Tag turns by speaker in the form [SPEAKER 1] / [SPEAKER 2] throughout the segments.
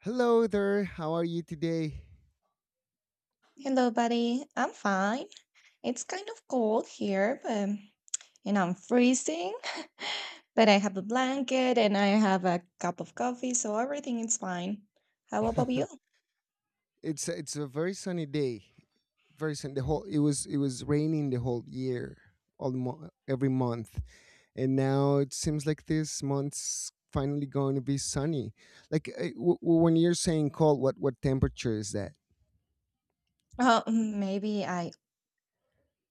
[SPEAKER 1] Hello there. How are you today?
[SPEAKER 2] Hello, buddy. I'm fine. It's kind of cold here, but and I'm freezing, but I have a blanket and I have a cup of coffee, so everything is fine. How about you?
[SPEAKER 1] It's a very sunny day. Very sunny. The whole it was raining the whole year, every month, and now it seems like this month's finally going to be sunny. Like when you're saying cold, what temperature is that?
[SPEAKER 2] Oh, maybe I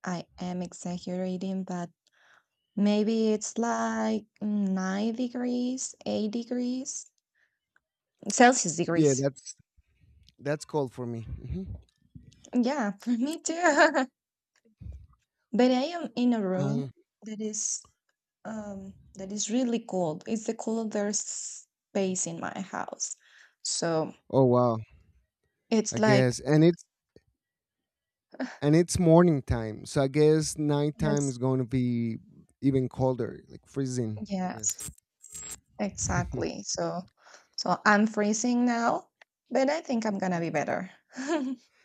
[SPEAKER 2] I am exaggerating, but maybe it's like 9 degrees, 8 degrees, Celsius
[SPEAKER 1] Yeah,
[SPEAKER 2] degrees.
[SPEAKER 1] that's cold for me.
[SPEAKER 2] Yeah, for me too. But I am in a
[SPEAKER 1] Uh,
[SPEAKER 2] room that is really cold. It's the coldest space in my house. So
[SPEAKER 1] oh wow,
[SPEAKER 2] it's
[SPEAKER 1] I
[SPEAKER 2] like
[SPEAKER 1] guess, and it's morning time, so I guess nighttime is
[SPEAKER 2] yes,
[SPEAKER 1] going to be even colder, like freezing. I
[SPEAKER 2] yes,
[SPEAKER 1] guess.
[SPEAKER 2] exactly. So I'm freezing now, but I think I'm gonna be better.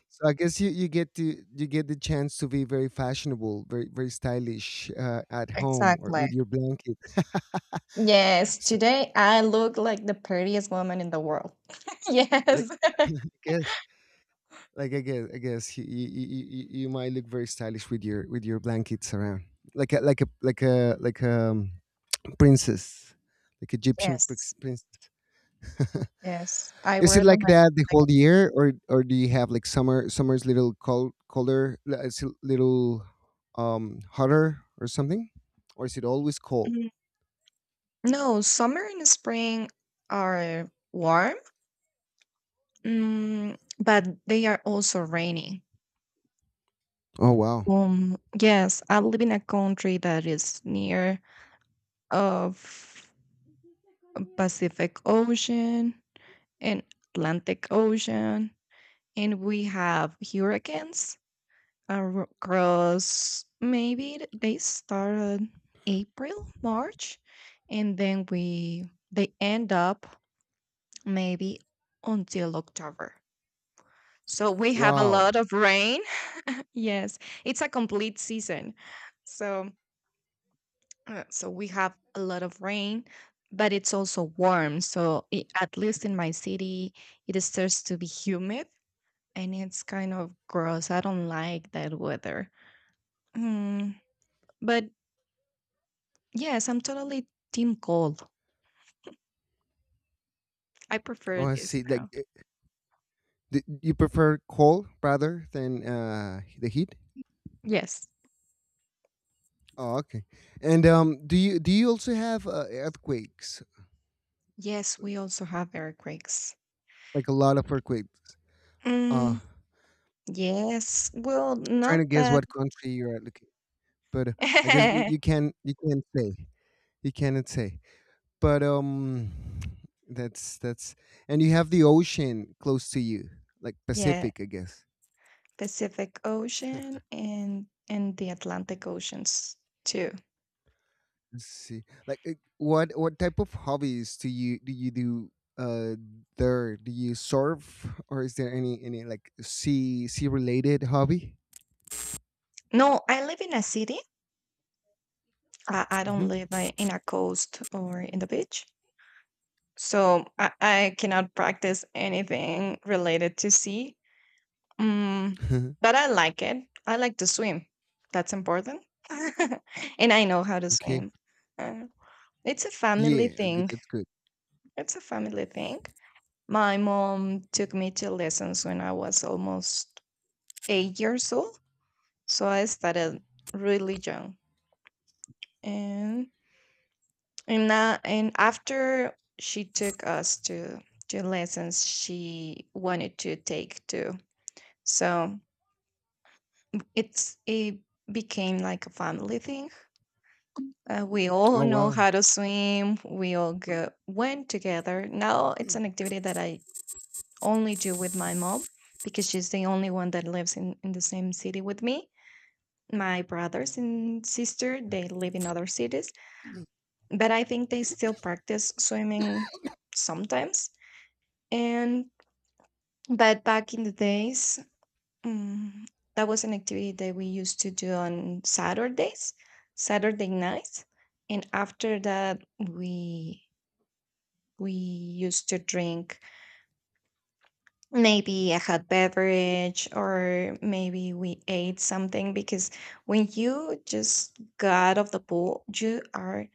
[SPEAKER 1] So I guess you get the chance to be very fashionable, very stylish at home or
[SPEAKER 2] Exactly.
[SPEAKER 1] with your blanket.
[SPEAKER 2] Yes,
[SPEAKER 1] So
[SPEAKER 2] today I look like the prettiest woman in the world.
[SPEAKER 1] like
[SPEAKER 2] Yes.
[SPEAKER 1] I guess I guess you might look very stylish with your blankets around, like a like a like a like a princess, like Egyptian
[SPEAKER 2] Yes.
[SPEAKER 1] princess.
[SPEAKER 2] Yes. I
[SPEAKER 1] Is it
[SPEAKER 2] wear them
[SPEAKER 1] like that the
[SPEAKER 2] like
[SPEAKER 1] whole year, or do you have like summer's little cold colder, it's a little hotter or something, or is it always cold?
[SPEAKER 2] a No, summer and spring are warm, but they are also rainy.
[SPEAKER 1] Oh wow,
[SPEAKER 2] Yes, I live in a country that is near of Pacific Ocean and Atlantic Ocean, and we have hurricanes across. Maybe they started April, March, and then we they end up maybe until October. So we have a lot
[SPEAKER 1] wow.
[SPEAKER 2] of rain. Yes, it's a complete season. So so we have a lot of rain, but it's also warm. So I at least in my city, it starts to be humid and it's kind of gross. I don't like that weather. Mm, but yes, I'm totally team cold. I
[SPEAKER 1] Oh,
[SPEAKER 2] prefer
[SPEAKER 1] I
[SPEAKER 2] this
[SPEAKER 1] see.
[SPEAKER 2] now.
[SPEAKER 1] You prefer cold rather than the heat.
[SPEAKER 2] Yes.
[SPEAKER 1] Oh, okay. And do you also have earthquakes?
[SPEAKER 2] Yes, we also have earthquakes.
[SPEAKER 1] Like a lot of earthquakes. Uh,
[SPEAKER 2] Mm, yes. Well,
[SPEAKER 1] Trying to
[SPEAKER 2] not
[SPEAKER 1] guess
[SPEAKER 2] that.
[SPEAKER 1] what country you're at. Looking, but I guess you can't say you cannot say. But that's and you have the ocean close to you, like
[SPEAKER 2] Yeah.
[SPEAKER 1] Pacific, I guess.
[SPEAKER 2] Pacific Ocean and the Atlantic Oceans too.
[SPEAKER 1] See. What type of hobbies do you do uh there? Do you surf or is there any like sea related hobby?
[SPEAKER 2] No, I live in a city. I
[SPEAKER 1] Mm-hmm.
[SPEAKER 2] don't live like, in a coast or in the beach, so I cannot practice anything related to sea. Mm, but I like it. I like to swim. That's important, and I know how to
[SPEAKER 1] Okay.
[SPEAKER 2] swim. Uh, it's a family
[SPEAKER 1] Yeah, good,
[SPEAKER 2] thing.
[SPEAKER 1] that's good.
[SPEAKER 2] It's a family thing. My mom took me to lessons when I was almost 8 years old. So I started really young, and and now and after she took us to lessons she wanted to take too. So it became like a family thing. We
[SPEAKER 1] Oh
[SPEAKER 2] all know
[SPEAKER 1] wow.
[SPEAKER 2] how to swim. We all went together. Now it's an activity that I only do with my mom because she's the only one that lives in the same city with me. My brothers and sister, they live in other cities. But I think they still practice swimming sometimes. And but back in the days, mm, that was an activity that we used to do on Saturdays, Saturday nights, and after that we used to drink maybe a hot beverage, or maybe we ate something, because when you just got out of the pool you are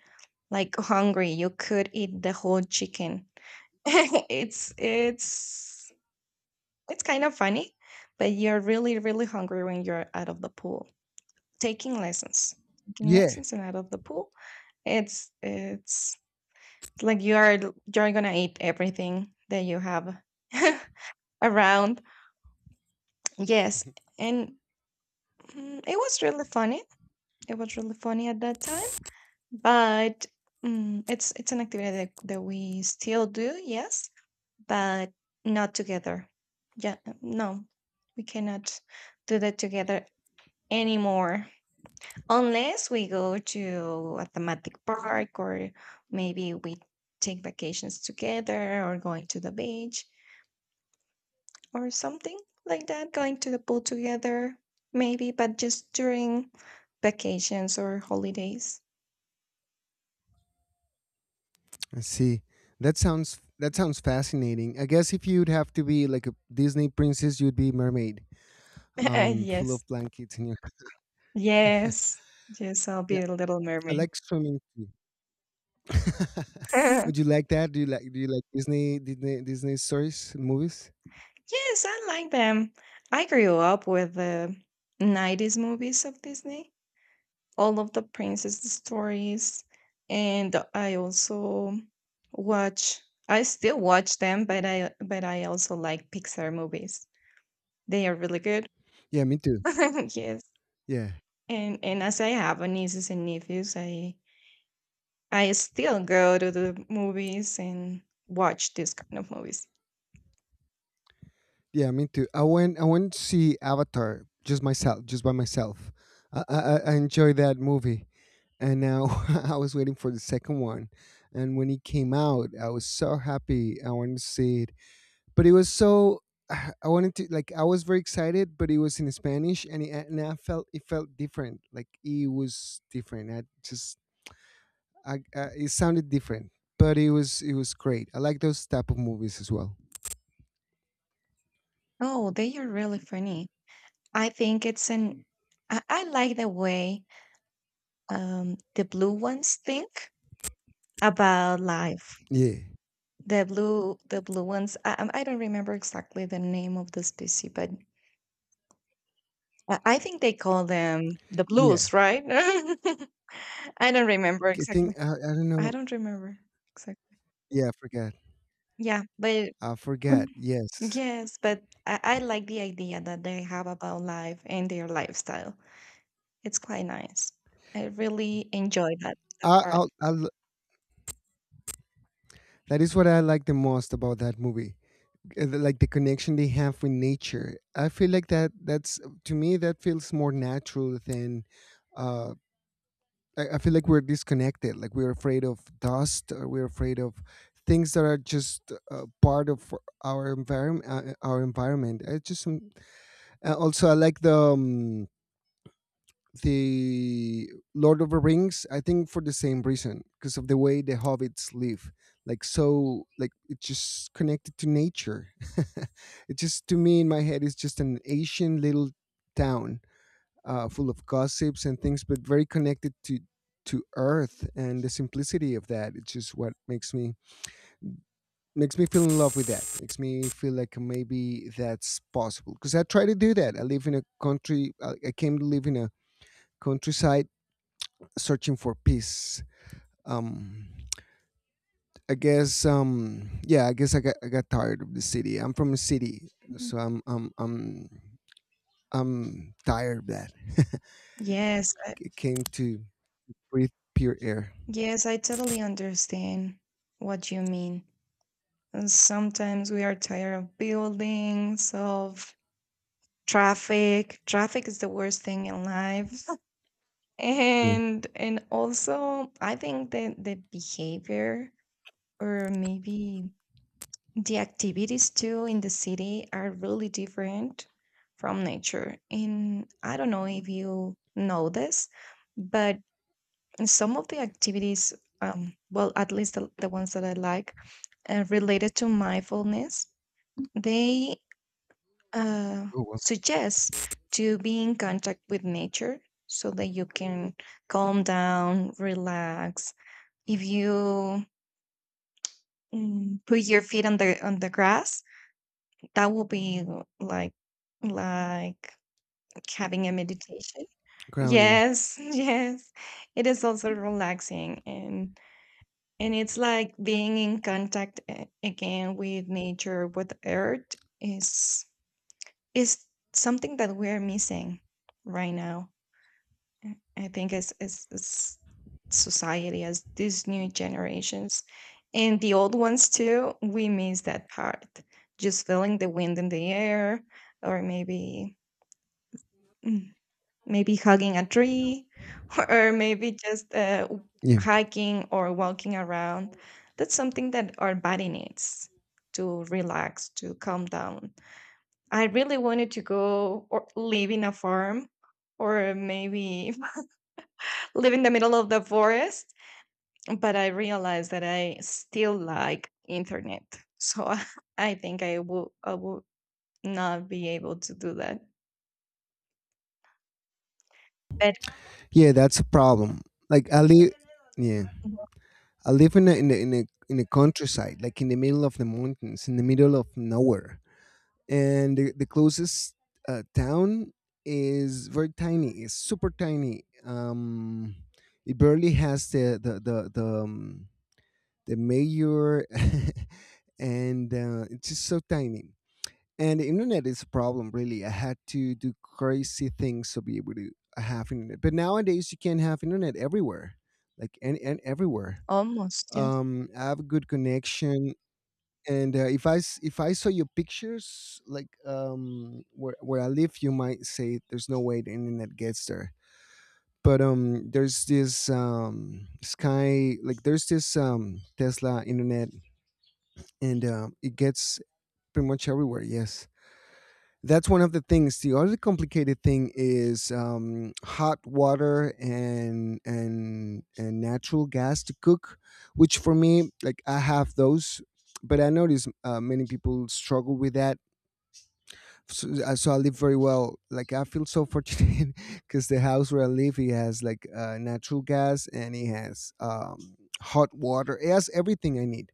[SPEAKER 2] like hungry, you could eat the whole chicken. it's it's it's kind of funny, but you're really really hungry when you're out of the pool. Taking lessons, taking
[SPEAKER 1] Yeah.
[SPEAKER 2] lessons, and out of the pool, it's like you are you're gonna eat everything that you have around. Yes, and it was really funny. It was really funny at that time, but it's an activity that we still do. Yes, but not together. Yeah, no, we cannot do that together anymore unless we go to a thematic park, or maybe we take vacations together, or going to the beach or something like that, going to the pool together, maybe, but just during vacations or holidays.
[SPEAKER 1] I see. That sounds fascinating. I guess if you'd have to be like a Disney princess, you'd be mermaid, full
[SPEAKER 2] yes,
[SPEAKER 1] of blankets in your.
[SPEAKER 2] yes, yes, I'll
[SPEAKER 1] Yeah,
[SPEAKER 2] be a little
[SPEAKER 1] I
[SPEAKER 2] mermaid.
[SPEAKER 1] like swimming too. Would you like that? Do you like Disney stories and movies?
[SPEAKER 2] Yes, I like them. I grew up with the 90s movies of Disney, all of the princess stories, and I also watch I still watch them, but I also like Pixar movies. They are really good.
[SPEAKER 1] Yeah, me too.
[SPEAKER 2] Yes.
[SPEAKER 1] Yeah,
[SPEAKER 2] And as I have a nieces and nephews, I still go to the movies and watch these kind of movies.
[SPEAKER 1] yeah, me too. I went to see Avatar just myself, just by myself. I I enjoyed that movie, and now I was waiting for the second one, and when it came out, I was so happy. I wanted to see it, but it was so. I wanted to like I was very excited, but it was in Spanish, and I felt it felt different. Like it was different. It sounded different, but it was great. I like those type of movies as well.
[SPEAKER 2] Oh, they are really funny. I think it's an I like the way the blue ones think about life.
[SPEAKER 1] Yeah,
[SPEAKER 2] The blue ones, I'm- I don't remember exactly the name of the species, but I think they call them the
[SPEAKER 1] yeah.
[SPEAKER 2] blues, right? I don't remember exactly.
[SPEAKER 1] I don't
[SPEAKER 2] I
[SPEAKER 1] know.
[SPEAKER 2] don't remember exactly.
[SPEAKER 1] Yeah, I forgot.
[SPEAKER 2] Yeah but
[SPEAKER 1] I forgot. Yes,
[SPEAKER 2] yes, but I like the idea that they have about life and their lifestyle. It's quite nice. I really enjoy that
[SPEAKER 1] I,
[SPEAKER 2] part.
[SPEAKER 1] I'll, I'll, that is what I like the most about that movie. Like the connection they have with nature. I feel like that. That's To me that feels more natural than uh, I feel like we're disconnected. Like we're afraid of dust. Or we're afraid of things that are just part of our environment. I just also I like the Lord of the Rings. I think for the same reason because of the way the hobbits live. It's just connected to nature. It just to me in my head is just an Asian little town full of gossips and things, but very connected to earth and the simplicity of that. It's just what makes me feel in love with that. Makes me feel like maybe that's possible because I try to do that. I live in a country. I came to live in a countryside, searching for peace. Um, I guess. Yeah, I guess I got tired of the city. I'm from a city,
[SPEAKER 2] Mhm.
[SPEAKER 1] so I'm tired of that.
[SPEAKER 2] Yes,
[SPEAKER 1] It came to breathe pure air.
[SPEAKER 2] yes, I totally understand what you mean. And sometimes we are tired of buildings, of traffic. Traffic is the worst thing in life.
[SPEAKER 1] Yeah.
[SPEAKER 2] And also I think that the behavior or maybe the activities too in the city are really different from nature. And I don't know if you know this, but some of the activities, well, at least the ones that I like, related to mindfulness, they uh,
[SPEAKER 1] Oh, wow.
[SPEAKER 2] suggest to be in contact with nature so that you can calm down, relax. If you put your feet on the grass, that will be like like having a meditation.
[SPEAKER 1] Grounding.
[SPEAKER 2] Yes, yes. It is also relaxing, and it's like being in contact again with nature, with earth, is is something that we're missing right now. I think as as society, as these new generations, and the old ones too, we miss that part. Just feeling the wind in the air, or maybe Mm, maybe hugging a tree, or maybe just
[SPEAKER 1] Yeah,
[SPEAKER 2] hiking or walking around. That's something that our body needs to relax, to calm down. I really wanted to go or live in a farm, or maybe live in the middle of the forest, but I realized that I still like internet. So I think I will not be able to do that. But
[SPEAKER 1] yeah that's a problem. like i live yeah
[SPEAKER 2] Mhm.
[SPEAKER 1] I live in a, in a, in a in the countryside, like in the middle of the mountains, in the middle of nowhere. And the closest town is very tiny. It's super tiny. It barely has the mayor. And it's just so tiny, and the internet is a problem, really. I had to do crazy things to be able to have internet. But nowadays you can have internet everywhere. Like and everywhere.
[SPEAKER 2] almost, yeah.
[SPEAKER 1] Um, I have a good connection. And if if I saw your pictures, like um, where I live, you might say there's no way the internet gets there. But um, there's this um, sky like there's this um, Tesla internet, and um, it gets pretty much everywhere. Yes, that's one of the things. The other complicated thing is hot water and natural gas to cook, which for me, like I have those, but I notice many people struggle with that. So, so I live very well. Like I feel so fortunate because the house where I live, it has like natural gas and it has hot water. It has everything I need,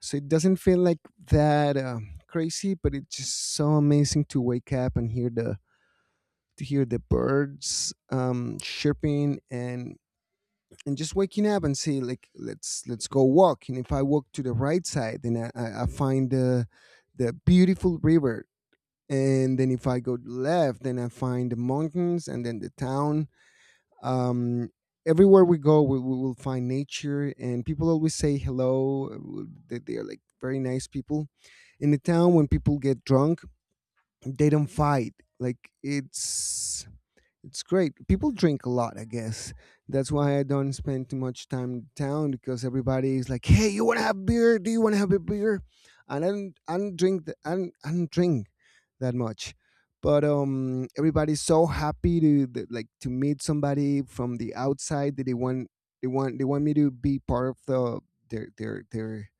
[SPEAKER 1] so it doesn't feel like that. Crazy, but it's just so amazing to wake up and hear the to hear the birds chirping and just waking up and say like, let's go walk. And if I walk to the right side, then I, I find the beautiful river, and then if I go left, then I find the mountains and then the town. Um, everywhere we go, we will find nature, and people always say hello. Uh, they are like very nice people. In the town, when people get drunk, they don't fight. like it's it's great. People drink a lot, I guess. That's why I don't spend too much time in town, because everybody is like, "Hey, you want to have beer? Do you want to have a beer?" And I don't drink. I don't drink that much. But everybody's so happy to th- like to meet somebody from the outside that they want me to be part of their their their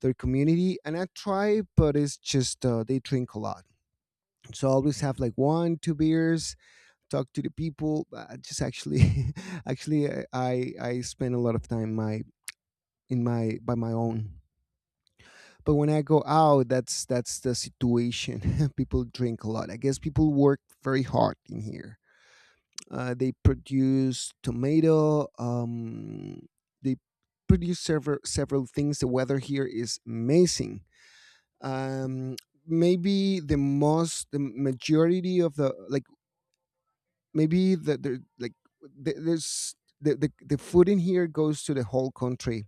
[SPEAKER 1] their community. And I try, but it's just they drink a lot, so I always have like one, two beers, talk to the people. I just actually, actually, I I spend a lot of time my in my by my own. But when I go out, that's the situation. People drink a lot. I guess people work very hard in here. They produce tomato. They produce several things. The weather here is amazing. Um, maybe the most the majority of the like maybe the like the, there's the food in here goes to the whole country,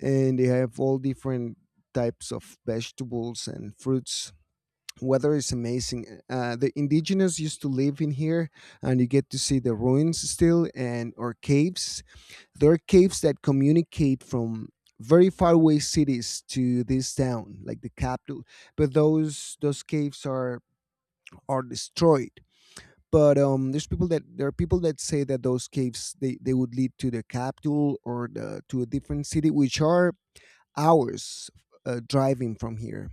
[SPEAKER 1] and they have all different types of vegetables and fruits. Weather is amazing. Uh, the indigenous used to live in here, and you get to see the ruins still and or caves. There are caves that communicate from very faraway cities to this town, like the capital. But those caves are destroyed. But there are people that say that those caves they would lead to the capital, or to a different city, which are hours driving from here.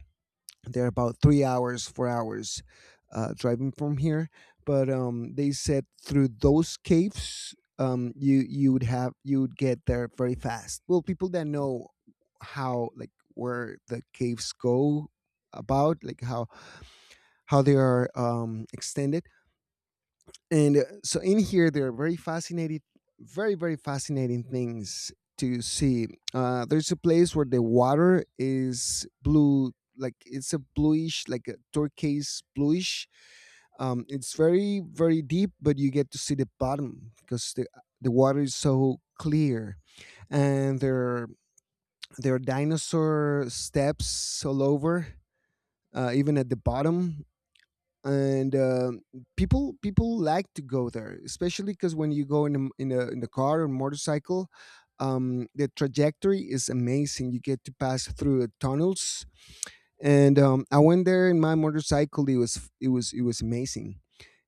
[SPEAKER 1] They're about 3 hours, 4 hours driving from here. But they said through those caves, you would have you would get there very fast. Well, people that know how, like where the caves go, about like how they are um, extended. And so in here there are very fascinating, very fascinating things to see. Uh, there's a place where the water is blue, like it's a bluish, like a turquoise bluish. Um, it's very deep, but you get to see the bottom because the water is so clear. And there are dinosaur steps all over, even at the bottom. And um, people like to go there, especially because when you go in a, in a in the car or motorcycle, the trajectory is amazing. You get to pass through tunnels, and I went there in my motorcycle. It was it was amazing.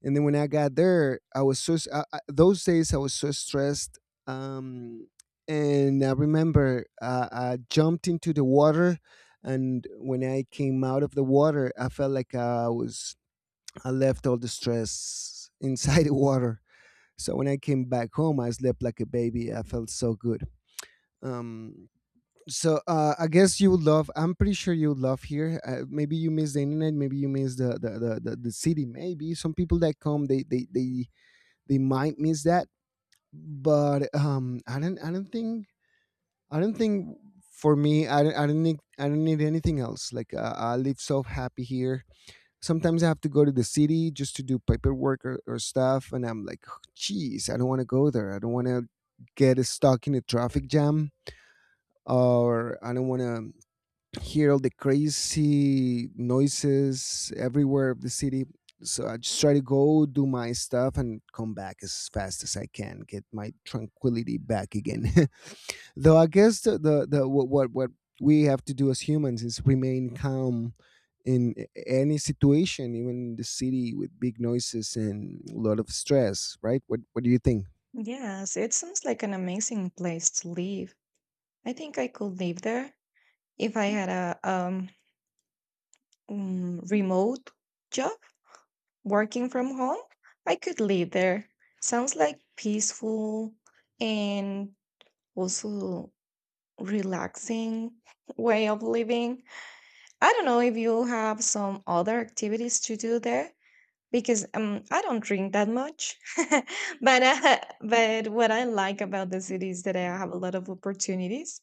[SPEAKER 1] And then when I got there, I was I- those days I was so stressed. Um, and I remember I jumped into the water, and when I came out of the water, I felt like I left all the stress inside the water. So when I came back home, I slept like a baby. I felt so good. Um, so I guess you would love. I'm pretty sure you would love here. Maybe you miss the internet. Maybe you miss the city. Maybe some people that come, they might miss that. But I don't think for me I don't need anything else. Like I live so happy here. Sometimes I have to go to the city just to do paperwork or stuff, and I'm like, "Oh, geez, I don't want to go there. I don't want to get stuck in a traffic jam, or I don't want to hear all the crazy noises everywhere of the city." So I just try to go do my stuff and come back as fast as I can, get my tranquility back again. Though I guess the what we have to do as humans is remain calm in any situation, even in the city with big noises and a lot of stress. Right? What do you think?
[SPEAKER 2] Yes, it sounds like an amazing place to live. I think I could live there if I had a remote job, working from home. I could live there. Sounds like peaceful and also relaxing way of living. I don't know if you have some other activities to do there because I don't drink that much. but but what I like about the city is that I have a lot of opportunities.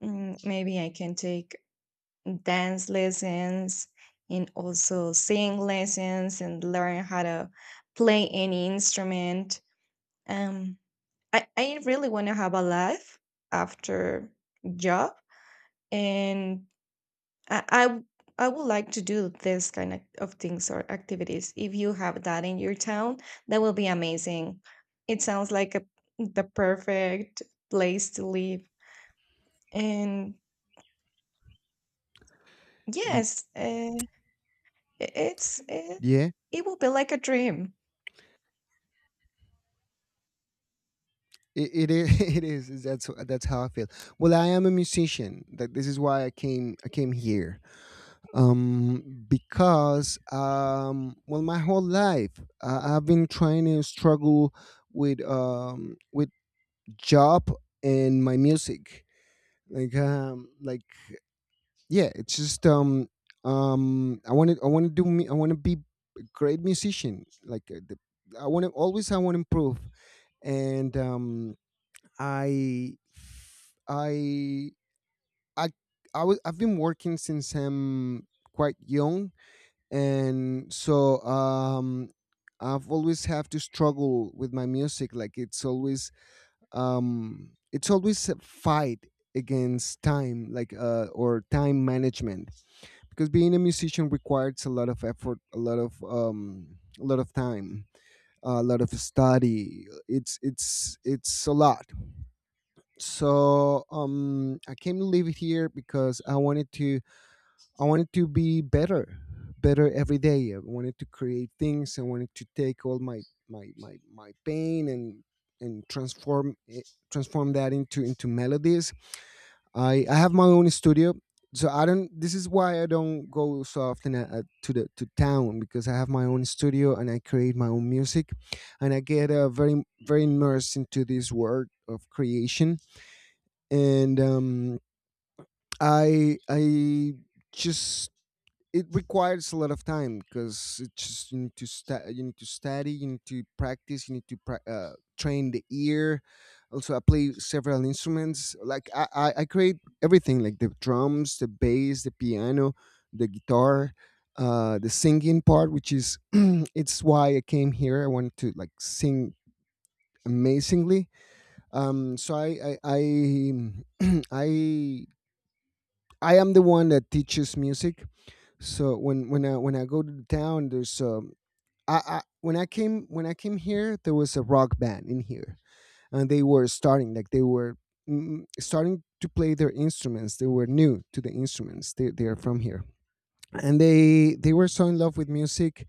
[SPEAKER 2] Maybe I can take dance lessons, and also sing lessons, and learn how to play any instrument. Um, I really want to have a life after job, and I, I w- I would like to do this kind of things or activities. If you have that in your town, that will be amazing. It sounds like a, the perfect place to live. And
[SPEAKER 1] Y-
[SPEAKER 2] yes. I it's it
[SPEAKER 1] Yeah.
[SPEAKER 2] it will be like a dream.
[SPEAKER 1] It is. It is. That's how I feel. Well, I am a musician. That This is why I came. I came here because well my whole life I've been trying to struggle with job and my music like yeah it's just I want to I want to be a great musician like I want to always I want to improve, and i i i I've been working since I'm quite young. And so I've always have to struggle with my music, like it's always a fight against time, like or time management, because being a musician requires a lot of effort, a lot of time, a lot of study. It's a lot. So I came to live here because I wanted to be better, better every day. I wanted to create things. I wanted to take all my pain and transform it, transform that into melodies. I have my own studio, so I don't. This is why I don't go so often to the to town, because I have my own studio and I create my own music, and I get very very immersed into this world of creation. And I just it requires a lot of time because it just you need to you need to study, you need to practice, you need to train the ear. Also, I play several instruments. Like I create everything, like the drums, the bass, the piano, the guitar, the singing part, which is it's why I came here. I wanted to like sing amazingly. Um, so I I I, I I am the one that teaches music. So when I go to the town, there's I when I came here, there was a rock band in here, and they were starting like they were starting to play their instruments. They were new to the instruments. They are from here, and they were so in love with music,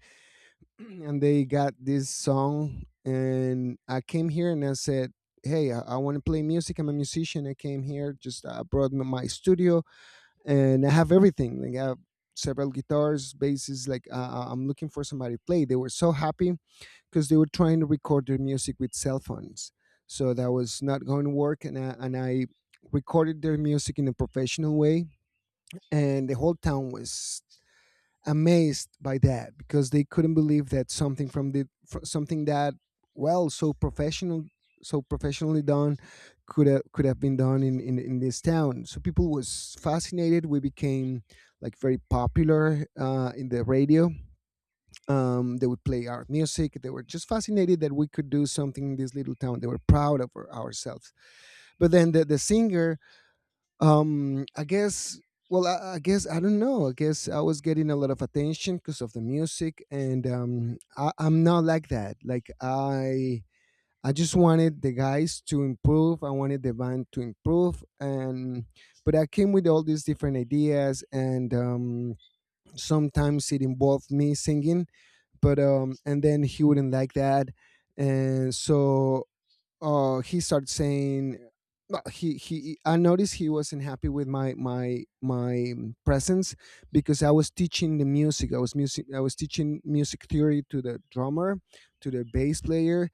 [SPEAKER 1] and they got this song. And I came here and I said, "Hey, I want to play music. I'm a musician. I came here. Just I brought my my studio and I have everything. Like I have several guitars, basses. Like I'm looking for somebody to play." They were so happy because they were trying to record their music with cell phones, so that was not going to work. And I recorded their music in a professional way, and the whole town was amazed by that, because they couldn't believe that something from something that well so professional, so professionally done, could have been done in, in this town. So people was fascinated. We became like very popular in the radio. They would play our music. They were just fascinated that we could do something in this little town. They were proud of ourselves. But then the singer, I guess well, I guess I don't know, I guess I was getting a lot of attention because of the music. And I'm not like that. Like I just wanted the guys to improve. I wanted the band to improve. And but I came with all these different ideas. And sometimes it involved me singing, but and then he wouldn't like that. And so he started saying no, he I noticed he wasn't happy with my presence, because I was teaching the music. I was teaching music theory to the drummer, to the bass player,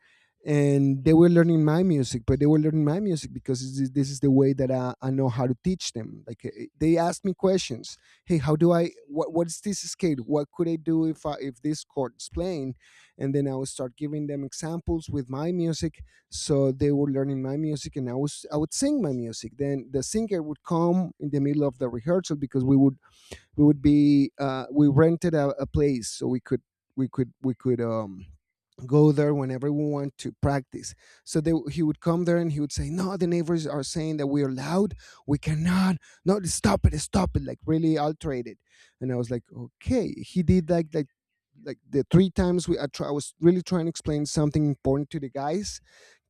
[SPEAKER 1] and they were learning my music. But they were learning my music because this is the way that I know how to teach them. Like they asked me questions, "Hey how do I what's this scale, what could I do if I if this chord is playing?" And then I would start giving them examples with my music. So they were learning my music. And I would sing my music. Then the singer would come in the middle of the rehearsal because we would be we rented a place so we could we could we could um go there whenever we want to practice. So he would come there and he would say, "No, the neighbors are saying that we are loud. We cannot, no, stop it, stop it," like really altered it. And I was like okay. He did like the three times we I was really trying to explain something important to the guys,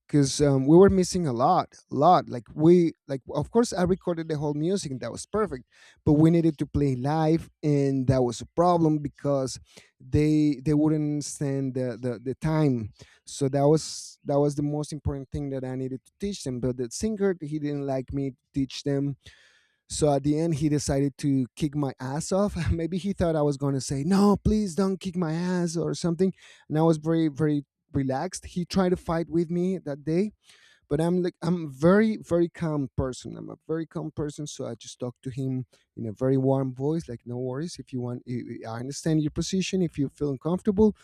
[SPEAKER 1] because we were missing a lot. Like we like of course I recorded the whole music and that was perfect, but we needed to play live and that was a problem, because they wouldn't stand the time. So that was the most important thing that I needed to teach them, but the singer he didn't like me to teach them. So at the end he decided to kick my ass off. Maybe he thought I was going to say, "No, please don't kick my ass," or something. And I was very very relaxed. He tried to fight with me that day, but I'm like I'm very very calm person. I'm a very calm person. So I just talk to him in a very warm voice, like, "No worries, if you want, I understand your position. If you feel uncomfortable,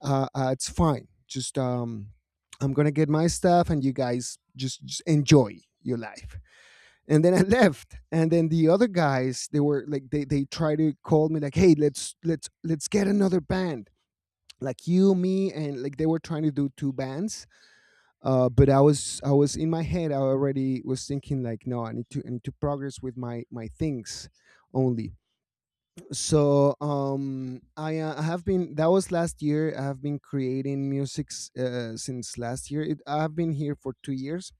[SPEAKER 1] it's fine. Just I'm gonna get my stuff and you guys just enjoy your life." And then I left. And then the other guys, they were like they try to call me like, "Hey, let's get another band, like you, me," and like they were trying to do two bands. But I was in my head. I already was thinking like, "No, I need to progress with my things only." So I have been, that was last year. I have been creating music since last year. I have been here for 2 years,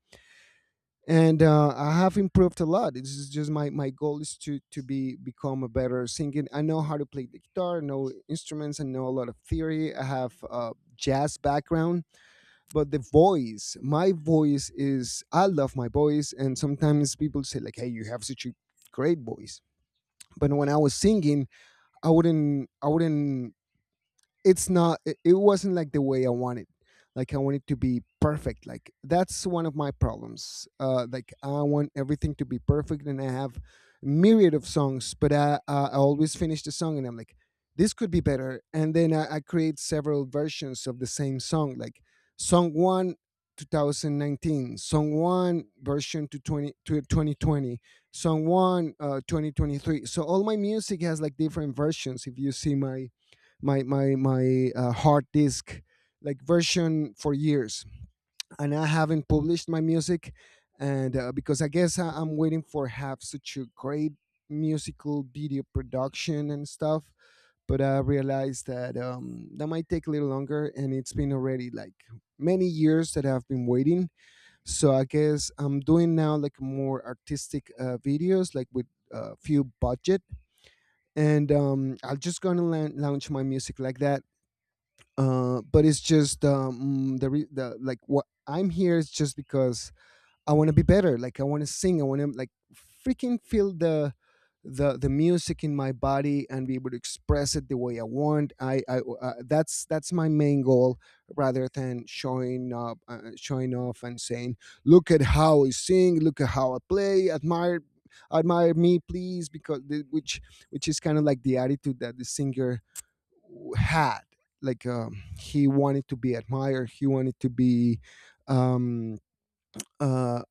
[SPEAKER 1] and I have improved a lot. This is just my goal, is to be become a better singer. I know how to play the guitar, know instruments, and know a lot of theory. I have a jazz background, but the voice, my voice is, I love my voice, and sometimes people say like, "Hey, you have such a great voice." But when I was singing, I wouldn't, it's not, it wasn't like the way I wanted. Like I want it to be perfect. Like that's one of my problems. Like I want everything to be perfect, and I have myriad of songs, but I always finish the song and I'm like this could be better. And then I create several versions of the same song. Like song one 2019, song one version to 20 to 2020, song one 2023. So all my music has like different versions. If you see my hard disk, like version for years. And I haven't published my music. And because I guess I'm waiting for have such a great musical video production and stuff. But I realized that that might take a little longer, and it's been already like many years that I've been waiting. So I guess I'm doing now like more artistic videos, like with a few budget. And I'm just gonna launch my music like that. But it's just the, like what I'm here is just because I want to be better. Like I want to sing. I want to like freaking feel the music in my body and be able to express it the way I want. I that's my main goal, rather than showing up, showing off and saying, "Look at how I sing. Look at how I play. Admire, admire me please." Because which is kind of like the attitude that the singer had. Like he wanted to be admired, he wanted to be um, uh,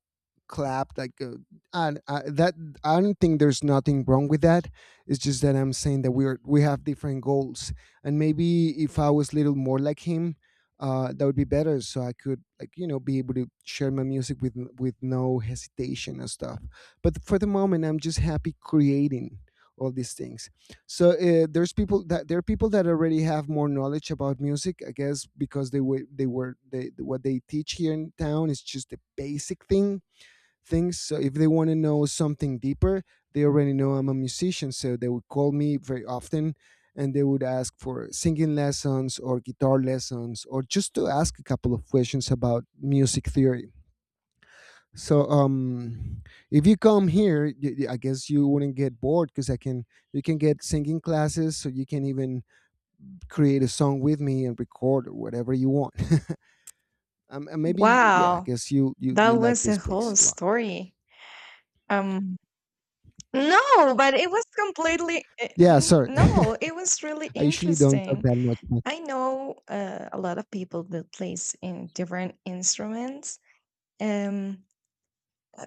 [SPEAKER 1] clapped like and that, I don't think there's nothing wrong with that. It's just that I'm saying that we have different goals. And maybe if I was a little more like him, that would be better, so I could like you know be able to share my music with no hesitation and stuff. But for the moment I'm just happy creating all these things. So there are people that already have more knowledge about music, I guess because they were they were they what they teach here in town is just the basic thing things. So if they want to know something deeper, they already know I'm a musician, so they would call me very often, and they would ask for singing lessons or guitar lessons or just to ask a couple of questions about music theory. So if you come here, I guess you wouldn't get bored, because I can you can get singing classes, so you can even create a song with me and record, or whatever you want. And maybe yeah, I
[SPEAKER 2] Wow,
[SPEAKER 1] guess
[SPEAKER 2] that
[SPEAKER 1] you like
[SPEAKER 2] was a
[SPEAKER 1] this place
[SPEAKER 2] whole
[SPEAKER 1] a lot.
[SPEAKER 2] story. Um, no, but it was completely
[SPEAKER 1] Yeah, sorry.
[SPEAKER 2] no, it was really
[SPEAKER 1] I usually don't talk
[SPEAKER 2] interesting.
[SPEAKER 1] that much, but
[SPEAKER 2] I know a lot of people that plays in different instruments, um,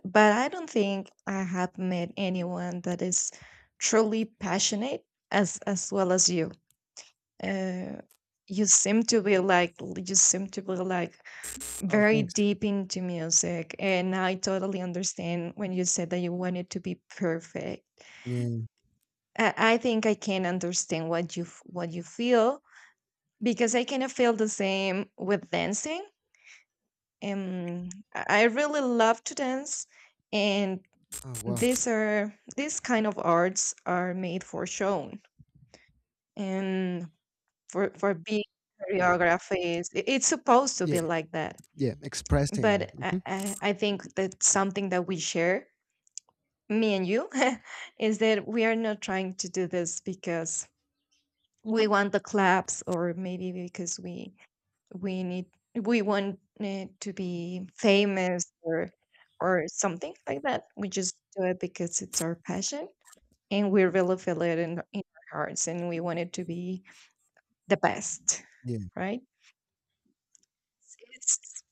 [SPEAKER 2] but I don't think I have met anyone that is truly passionate as well as you. Uh, you seem to be like you seem to be like
[SPEAKER 1] oh,
[SPEAKER 2] very
[SPEAKER 1] thanks.
[SPEAKER 2] deep into music, and I totally understand when you said that you want it to be perfect.
[SPEAKER 1] Yeah.
[SPEAKER 2] I think I can understand what you what you feel because I kind of feel the same with dancing. um I really love to dance, and
[SPEAKER 1] Oh, wow.
[SPEAKER 2] these are these kind of arts are made for shown, and for big choreographies. It- it's supposed to
[SPEAKER 1] Yeah.
[SPEAKER 2] be like that,
[SPEAKER 1] Yeah. Expressing.
[SPEAKER 2] but
[SPEAKER 1] Hmm.
[SPEAKER 2] I think that's something that we share, me and you, is that we are not trying to do this because we want the claps, or maybe because we need we want it to be famous, or something like that. We just do it because it's our passion, and we really feel it in our hearts, and we want it to be the best,
[SPEAKER 1] Yeah.
[SPEAKER 2] right? it's,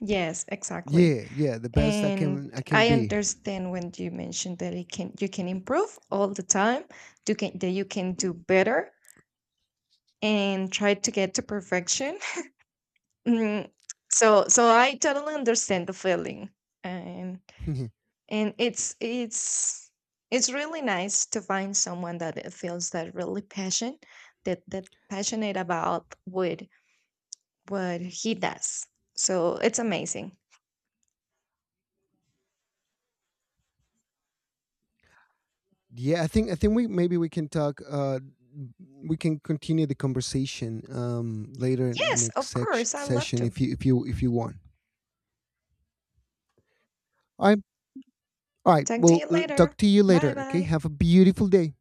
[SPEAKER 2] yes, exactly.
[SPEAKER 1] Yeah. Yeah. The best
[SPEAKER 2] And
[SPEAKER 1] I can
[SPEAKER 2] I
[SPEAKER 1] be.
[SPEAKER 2] understand when you mentioned that it can you can improve all the time, you can that you can do better and try to get to perfection. Mm, so I totally understand the feeling. And and it's it's it's really nice to find someone that it feels that really passion that that passionate about what he does. So it's amazing.
[SPEAKER 1] Yeah. I think we maybe we can talk. We can continue the conversation later
[SPEAKER 2] Yes,
[SPEAKER 1] next
[SPEAKER 2] of course. I love
[SPEAKER 1] session,
[SPEAKER 2] to.
[SPEAKER 1] if you if you if you want. All right. All right.
[SPEAKER 2] Talk to
[SPEAKER 1] We'll
[SPEAKER 2] you
[SPEAKER 1] talk
[SPEAKER 2] later.
[SPEAKER 1] to you
[SPEAKER 2] Bye
[SPEAKER 1] later. Okay.
[SPEAKER 2] bye.
[SPEAKER 1] Have a beautiful day.